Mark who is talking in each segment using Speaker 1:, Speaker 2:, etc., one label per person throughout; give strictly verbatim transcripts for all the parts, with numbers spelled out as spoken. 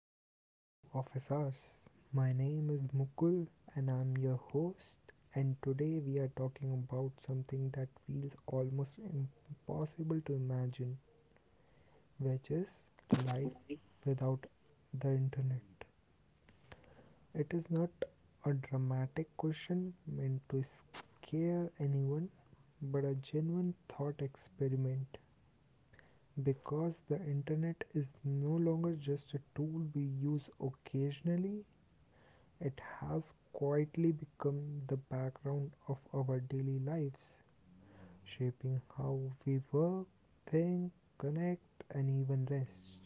Speaker 1: back to Office Hours. My name is Mukul and I'm your host. And today we are talking about something that feels almost impossible to imagine, which is life without the internet. It is not a dramatic question meant to scare anyone, but a genuine thought experiment because the internet is no longer just a tool we use occasionally. It has quietly become the background of our daily lives, shaping how we work, think, connect, and even rest.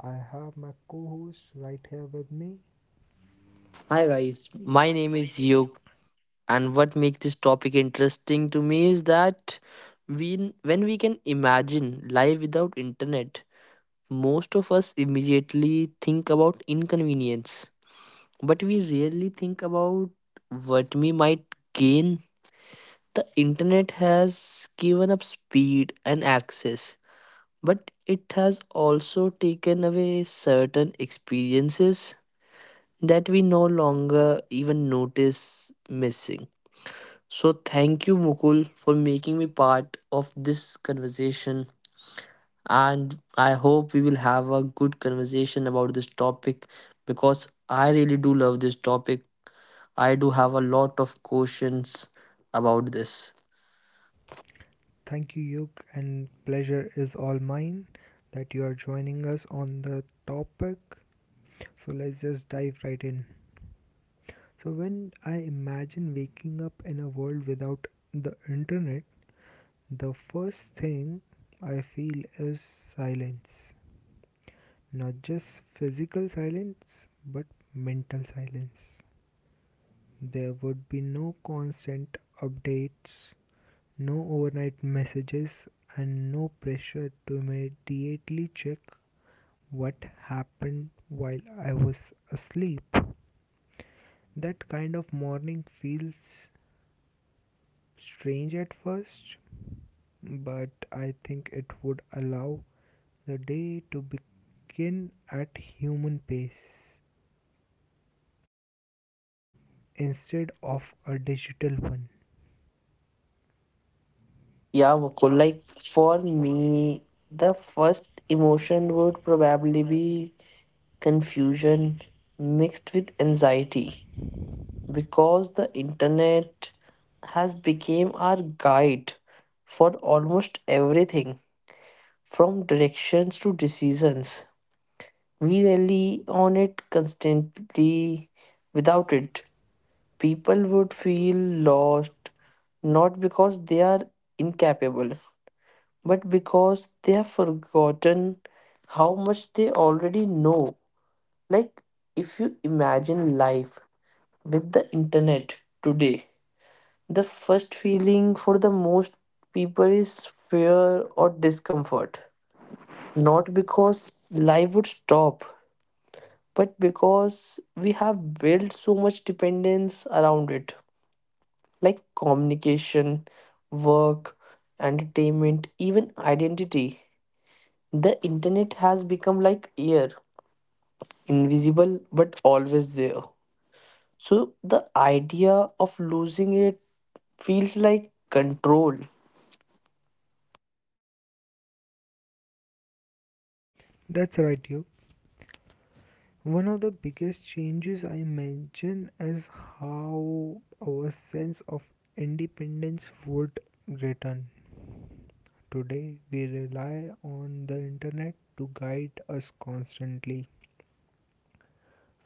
Speaker 1: I have my co host right here with me.
Speaker 2: Hi guys, my name is Yug, and what makes this topic interesting to me is that we, when we can imagine life without internet, most of us immediately think about inconvenience, but we rarely think about what we might gain. The internet has given up speed and access, but it has also taken away certain experiences that we no longer even notice missing. So thank you, Mukul, for making me part of this conversation. And I hope we will have a good conversation about this topic because I really do love this topic. I do have a lot of questions about this.
Speaker 1: Thank you, Yug, and pleasure is all mine that you are joining us on the topic. So let's just dive right in. So, when I imagine waking up in a world without the internet, the first thing I feel is silence. Not just physical silence, but mental silence. There would be no constant updates, no overnight messages, and no pressure to immediately check what happened while I was asleep. That kind of morning feels strange at first, but I think it would allow the day to begin at human pace instead of a digital one.
Speaker 2: Yeah, Mukul, like for me, the first emotion would probably be confusion mixed with anxiety, because the internet has become our guide for almost everything, from directions to decisions. We rely on it constantly. Without it, people would feel lost, not because they are incapable, but because they have forgotten how much they already know. Like, if you imagine life with the internet today, the first feeling for the most people is fear or discomfort. Not because life would stop, but because we have built so much dependence around it, like communication, work, entertainment, even identity. The internet has become like air, invisible but always there. So the idea of losing it feels like control.
Speaker 1: That's right, you. One of the biggest changes I imagine is how our sense of independence would return. Today, we rely on the internet to guide us constantly,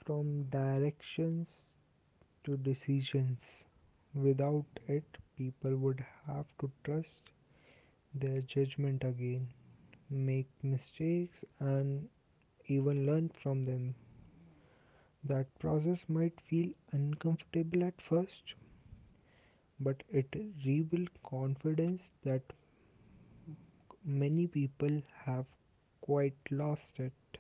Speaker 1: from directions to decisions. Without it, people would have to trust their judgment again, make mistakes, and even learn from them. That process might feel uncomfortable at first, but it rebuilds confidence that many people have quite lost it.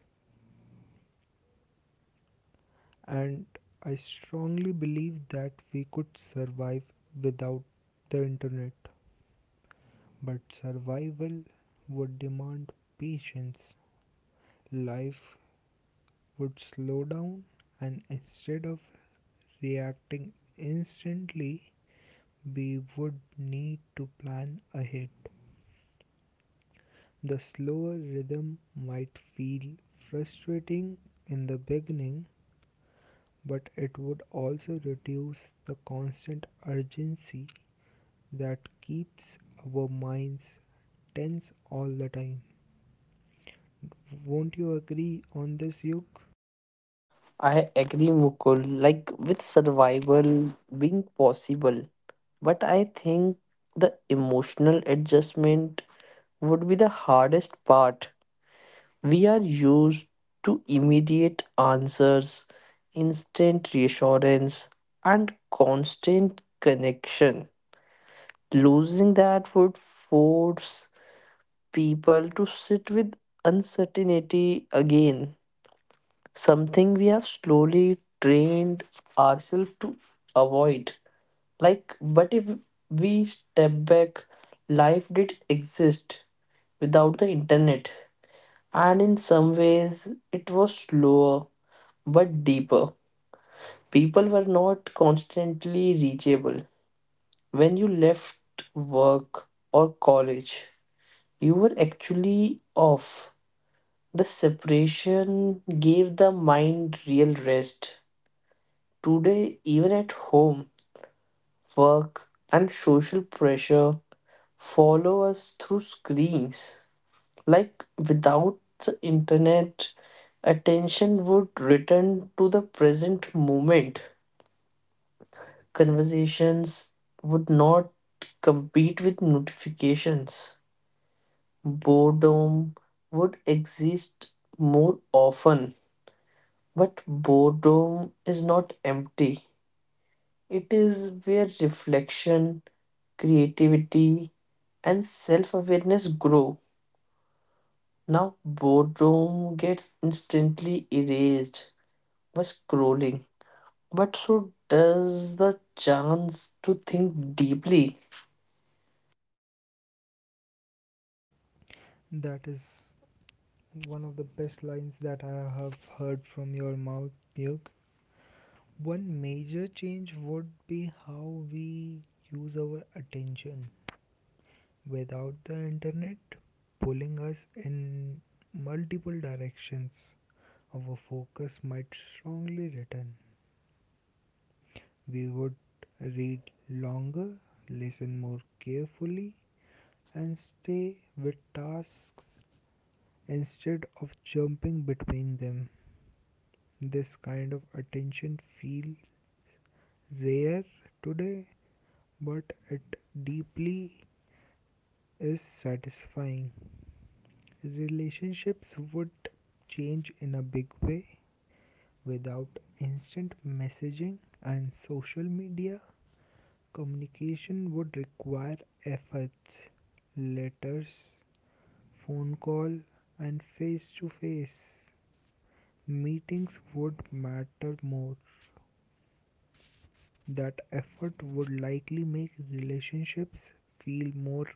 Speaker 1: And I strongly believe that we could survive without the internet, but survival would demand patience. Life would slow down and instead of reacting instantly, we would need to plan ahead. The slower rhythm might feel frustrating in the beginning, but it would also reduce the constant urgency that keeps our minds tense all the time. Won't you agree on this, Yuk?
Speaker 2: I agree, Mukul. Like with survival being possible, but I think the emotional adjustment would be the hardest part. We are used to immediate answers, instant reassurance, and constant connection. Losing that would force people to sit with uncertainty again, something we have slowly trained ourselves to avoid. Like, but if we step back, life did exist without the internet, and in some ways, it was slower but deeper. People were not constantly reachable. When you left work or college, you were actually off. The separation gave the mind real rest. Today, even at home, work, and social pressure follow us through screens. Like without the internet, attention would return to the present moment. Conversations would not compete with notifications. Boredom would exist more often. But boredom is not empty, it is where reflection, creativity, and self awareness grow. Now, boredom gets instantly erased by scrolling, but so does the chance to think deeply.
Speaker 1: That is one of the best lines that I have heard from your mouth, Duke. One major change would be how we use our attention without the internet pulling us in multiple directions. Our focus might strongly return. We would read longer, listen more carefully, and stay with tasks instead of jumping between them. This kind of attention feels rare today, but it deeply is satisfying. Relationships would change in a big way without instant messaging and social media. Communication would require efforts, letters, phone call, and face to face. Meetings would matter more. That effort would likely make relationships feel more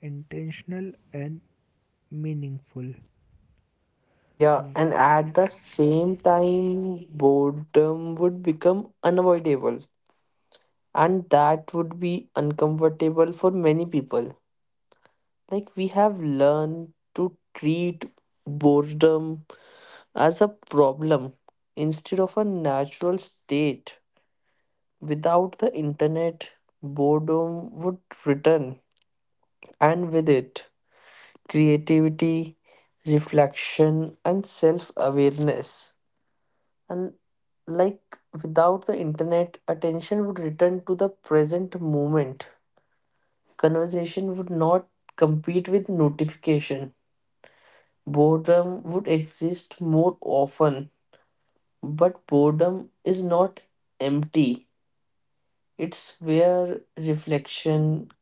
Speaker 1: intentional and meaningful.
Speaker 2: Yeah, and at the same time, boredom would become unavoidable, and that would be uncomfortable for many people. Like, we have learned to treat boredom as a problem instead of a natural state. Without the internet, boredom would return, and with it, creativity, reflection, and self awareness. And like without the internet, attention would return to the present moment. Conversation would not compete with notification. Boredom would exist more often, but boredom is not empty. It's where reflection,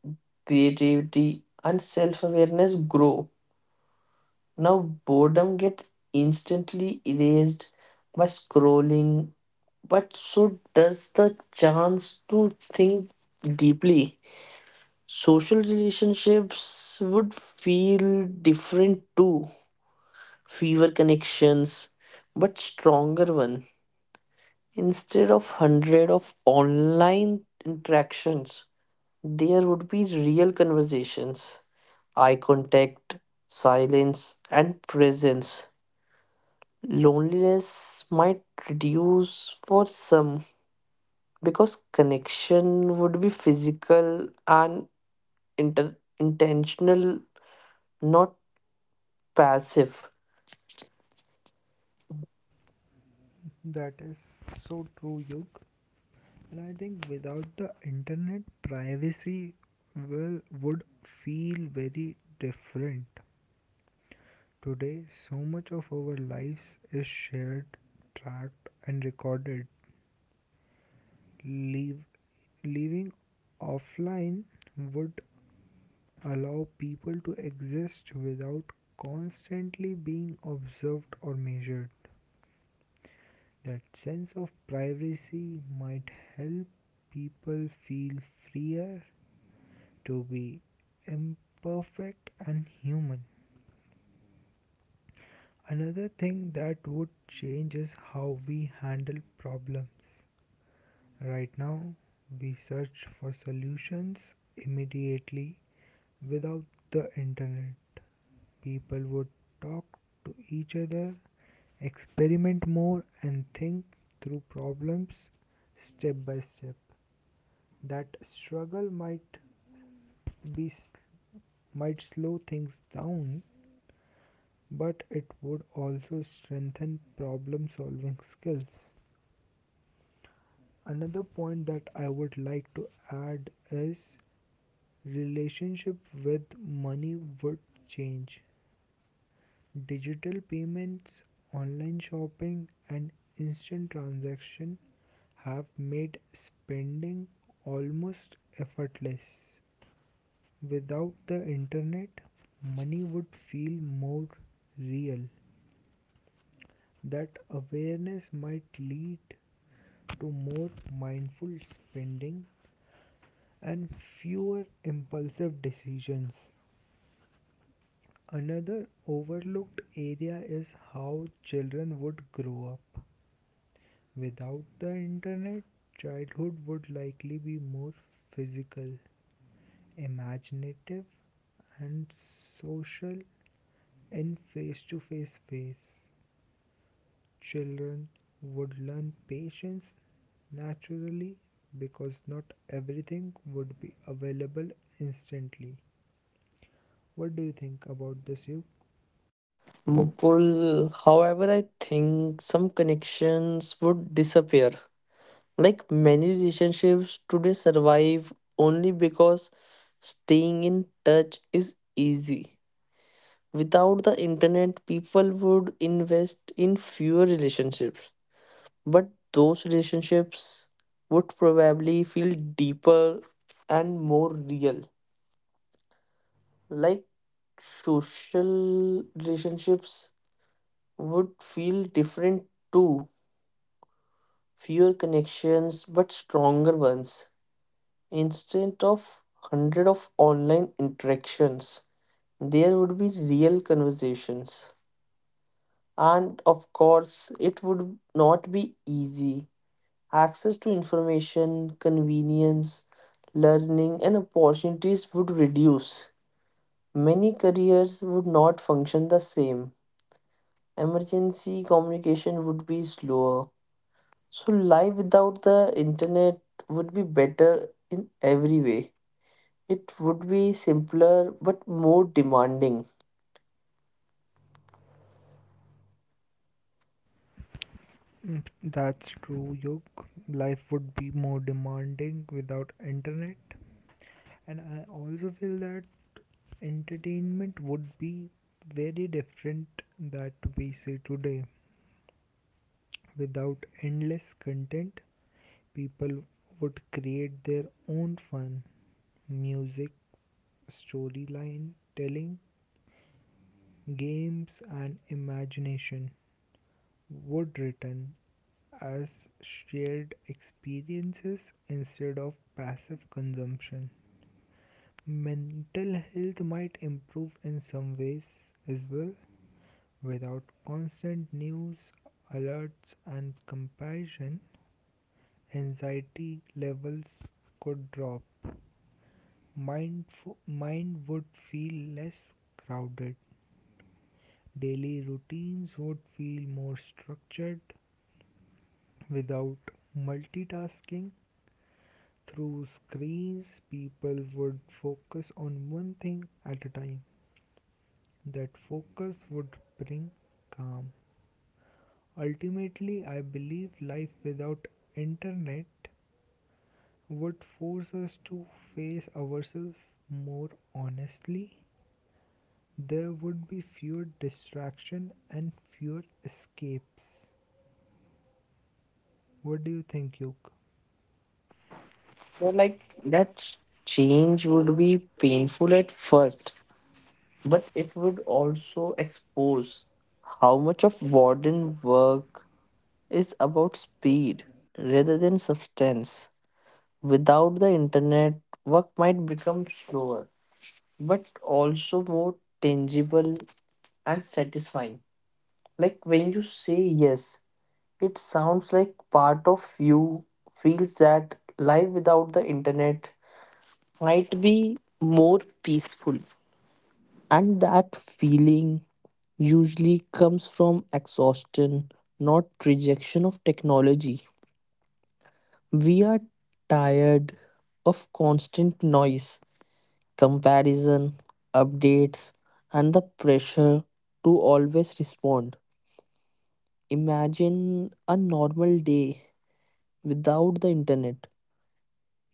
Speaker 2: creativity, and self awareness grow. Now, boredom gets instantly erased by scrolling, but so does the chance to think deeply. Social relationships would feel different too. Fewer connections, but stronger one. Instead of hundred of online interactions, there would be real conversations, eye contact, silence, and presence. Loneliness might reduce for some because connection would be physical and inter- intentional, not passive.
Speaker 1: That is so true, Yug. And I think without the internet, privacy will, would feel very different. Today, so much of our lives is shared, tracked, and recorded. Leave, leaving offline would allow people to exist without constantly being observed or measured. That sense of privacy might help people feel freer to be imperfect and human. Another thing that would change is how we handle problems. Right now, we search for solutions immediately. Without the internet, people would talk to each other, experiment more, and think through problems step by step. That struggle might be s- might slow things down, but it would also strengthen problem solving skills. Another point that I would like to add is relationship with money would change. Digital payments, online shopping, and instant transactions have made spending almost effortless. Without the internet, money would feel more real. That awareness might lead to more mindful spending and fewer impulsive decisions. Another overlooked area is how children would grow up. Without the internet, childhood would likely be more physical, imaginative, and social in face to face ways. Children would learn patience naturally because not everything would be available instantly. What do you think about this, Yug?
Speaker 2: Mukul, however, I think some connections would disappear. Like many relationships today survive only because staying in touch is easy. Without the internet, people would invest in fewer relationships, but those relationships would probably feel deeper and more real. Like social relationships would feel different too. Fewer connections, but stronger ones. Instead of hundred of online interactions, there would be real conversations. And of course, it would not be easy. Access to information, convenience, learning, and opportunities would reduce. Many careers would not function the same. Emergency communication would be slower. So, life without the internet would be better in every way. It would be simpler but more demanding.
Speaker 1: That's true, Yug. Life would be more demanding without internet. And I also feel that entertainment would be very different that we see today. Without endless content, people would create their own fun. Music, storyline, telling, games, and imagination would return as shared experiences instead of passive consumption. Mental health might improve in some ways as well. Without constant news alerts and comparison, anxiety levels could drop. Mind, f- mind would feel less crowded. Daily routines would feel more structured without multitasking. Through screens, people would focus on one thing at a time. That focus would bring calm. Ultimately, I believe life without internet would force us to face ourselves more honestly. There would be fewer distraction and fewer escapes. What do you think, Yuk?
Speaker 2: So, like that change would be painful at first, but it would also expose how much of warden work is about speed rather than substance. Without the internet, work might become slower, but also more tangible and satisfying. Like when you say yes, it sounds like part of you feels that life without the internet might be more peaceful. And that feeling usually comes from exhaustion, not rejection of technology. We are tired of constant noise, comparison, updates, and the pressure to always respond. Imagine a normal day without the internet.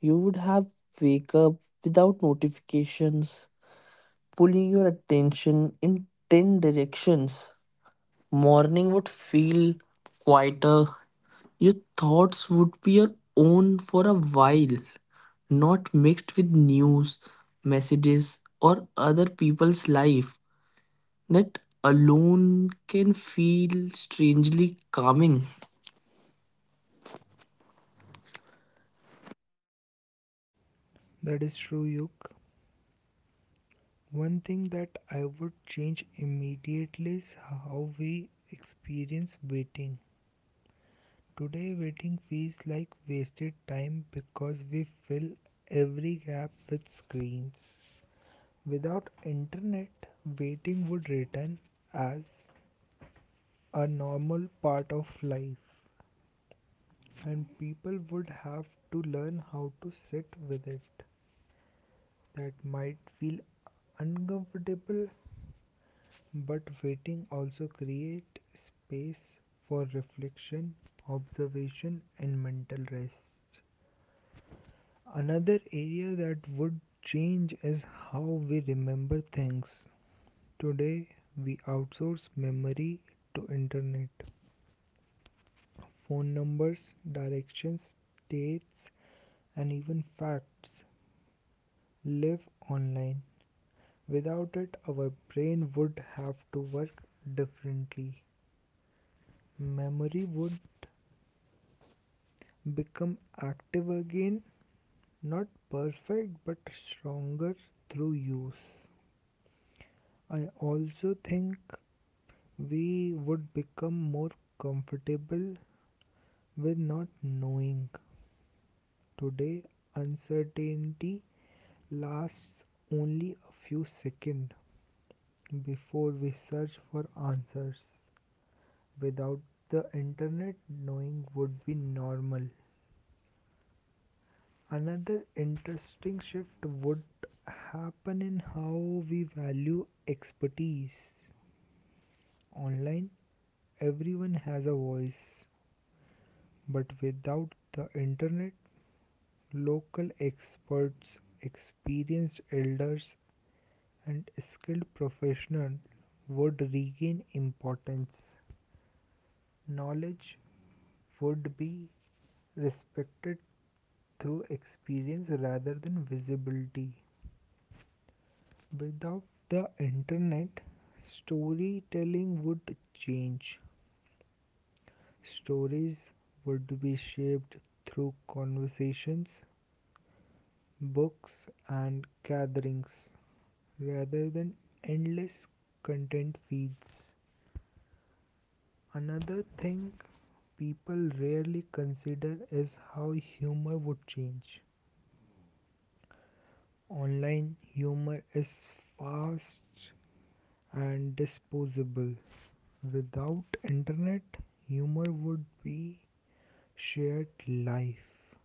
Speaker 2: You would have wake up without notifications, pulling your attention in ten directions. Morning would feel quieter. Your thoughts would be your own for a while, not mixed with news, messages, or other people's life. That alone can feel strangely calming.
Speaker 1: That is true, Yuk. One thing that I would change immediately is how we experience waiting. Today, waiting feels like wasted time because we fill every gap with screens. Without internet, waiting would return as a normal part of life, and people would have to learn how to sit with it. That might feel uncomfortable, but waiting also create space for reflection, observation, and mental rest. Another area that would change is how we remember things. Today we outsource memory to internet. Phone numbers, directions, dates and even facts live online. Without it our brain would have to work differently. Memory would become active again, not perfect but stronger through use. I also think we would become more comfortable with not knowing. Today, uncertainty lasts only a few seconds before we search for answers. Without the internet, knowing would be normal. Another interesting shift would happen in how we value expertise. Online, everyone has a voice, but without the internet, local experts, experienced elders, and skilled professionals would regain importance. Knowledge would be respected through experience rather than visibility. Without the internet, storytelling would change. Stories would be shaped through conversations books and gatherings rather than endless content feeds. Another thing people rarely consider is how humor would change. Online humor is fast and disposable. Without internet, humor would be shared life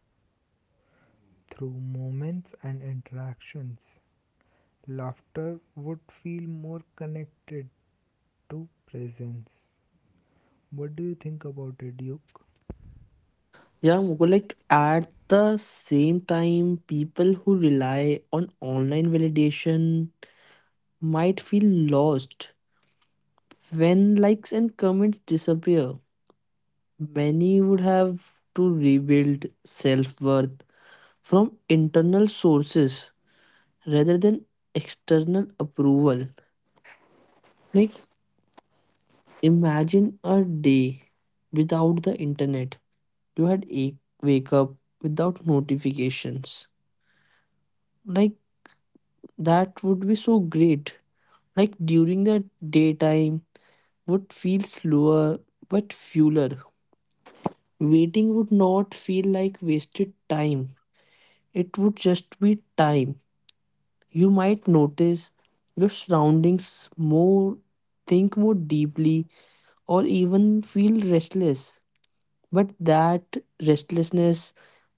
Speaker 1: through moments and interactions. Laughter would feel more connected to presence. What do you think about it, Duke?
Speaker 2: Yeah, Mukul, like at the same time, people who rely on online validation might feel lost when likes and comments disappear. Many would have to rebuild self worth from internal sources rather than external approval. Like, imagine a day without the internet. You had a wake up without notifications. Like, that would be so great. Like, during the daytime would feel slower but fuller. Waiting would not feel like wasted time. It would just be time. You might notice your surroundings more, think more deeply, or even feel restless. But that restlessness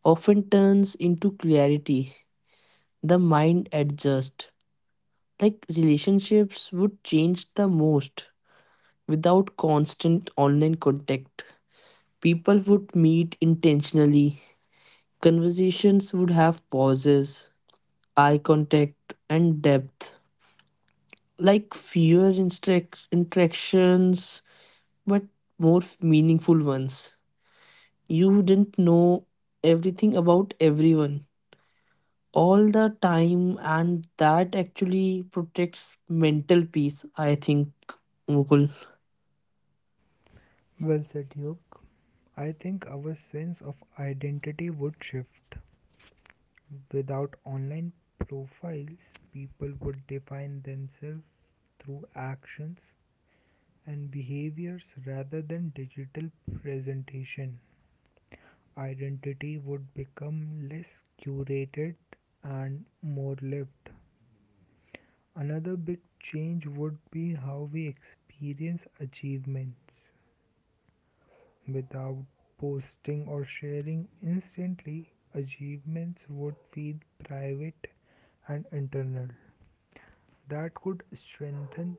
Speaker 2: often turns into clarity. The mind adjusts. Like relationships would change the most without constant online contact. People would meet intentionally. Conversations would have pauses, eye contact, and depth. Like fewer instruct- interactions, but more f- meaningful ones. You didn't know everything about everyone all the time, and that actually protects mental peace, I think, Mukul.
Speaker 1: Well said, Duke. I think our sense of identity would shift. Without online profiles, people would define themselves through actions and behaviors rather than digital presentation. Identity would become less curated and more lived. Another big change would be how we experience achievements. Without posting or sharing instantly, achievements would feel private and internal. That could strengthen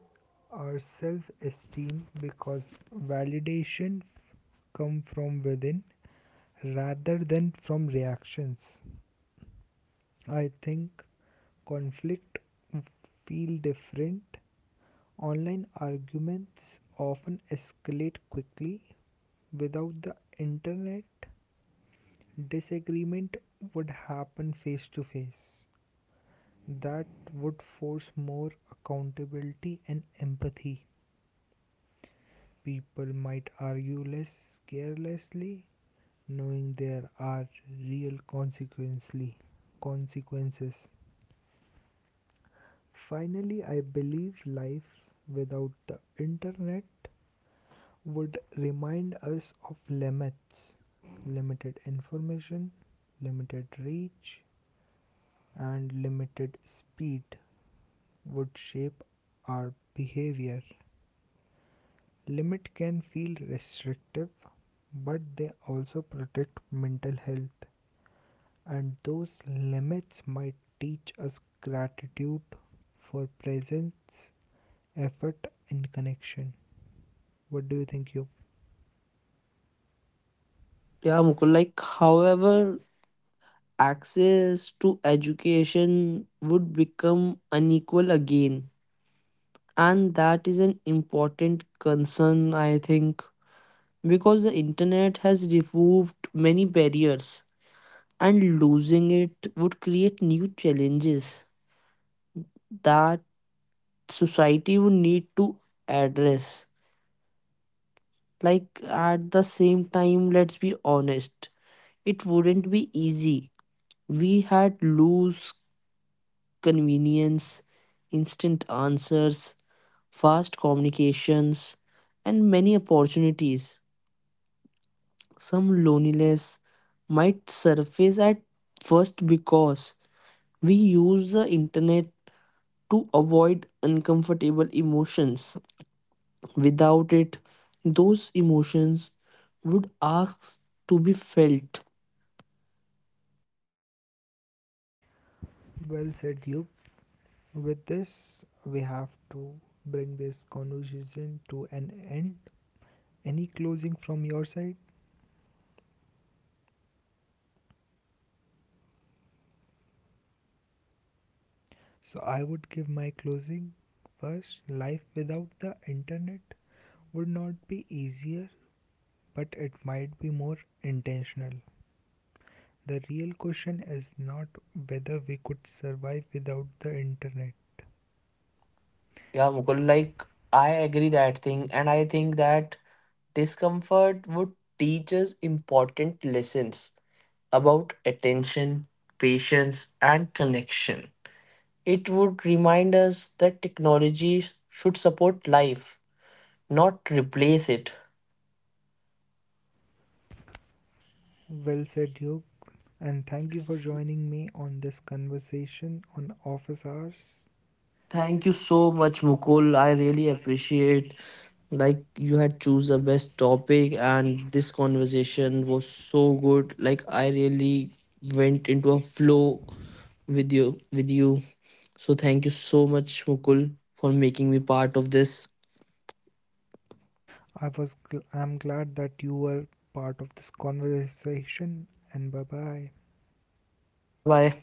Speaker 1: our self esteem because validation come from within rather than from reactions. I think conflict feel different. Online arguments often escalate quickly. Without the internet, disagreement would happen face to face. That would force more accountability and empathy. People might argue less carelessly, knowing there are real consequently consequences. Finally, I believe life without the internet would remind us of limits limited information, limited reach, and limited speed would shape our behavior. Limit can feel restrictive, but they also protect mental health, and those limits might teach us gratitude for presence, effort, and connection. What do you think, you?
Speaker 2: Yeah, Mukul, like, however, access to education would become unequal again, and that is an important concern, I think, because the internet has removed many barriers and losing it would create new challenges that society would need to address. Like at the same time, let's be honest, it wouldn't be easy. We had lose convenience, instant answers, fast communications, and many opportunities. Some loneliness might surface at first because we use the internet to avoid uncomfortable emotions. Without it, those emotions would ask to be felt.
Speaker 1: Well said, you. With this, we have to bring this conversation to an end. Any closing from your side? So I would give my closing first. Life without the internet would not be easier, but it might be more intentional. The real question is not whether we could survive without the internet.
Speaker 2: Yeah, Mukul, like I agree that thing, and I think that discomfort would teach us important lessons about attention, patience, and connection. It would remind us that technology should support life, not replace it.
Speaker 1: Well said, Yog, and thank you for joining me on this conversation on Office Hours.
Speaker 2: Thank you so much, Mukul. I really appreciate like you had choose the best topic and this conversation was so good. Like I really went into a flow with you with you. So thank you so much, Mukul, for making me part of this.
Speaker 1: I was gl- I'm glad that you were part of this conversation and bye bye.
Speaker 2: Bye bye.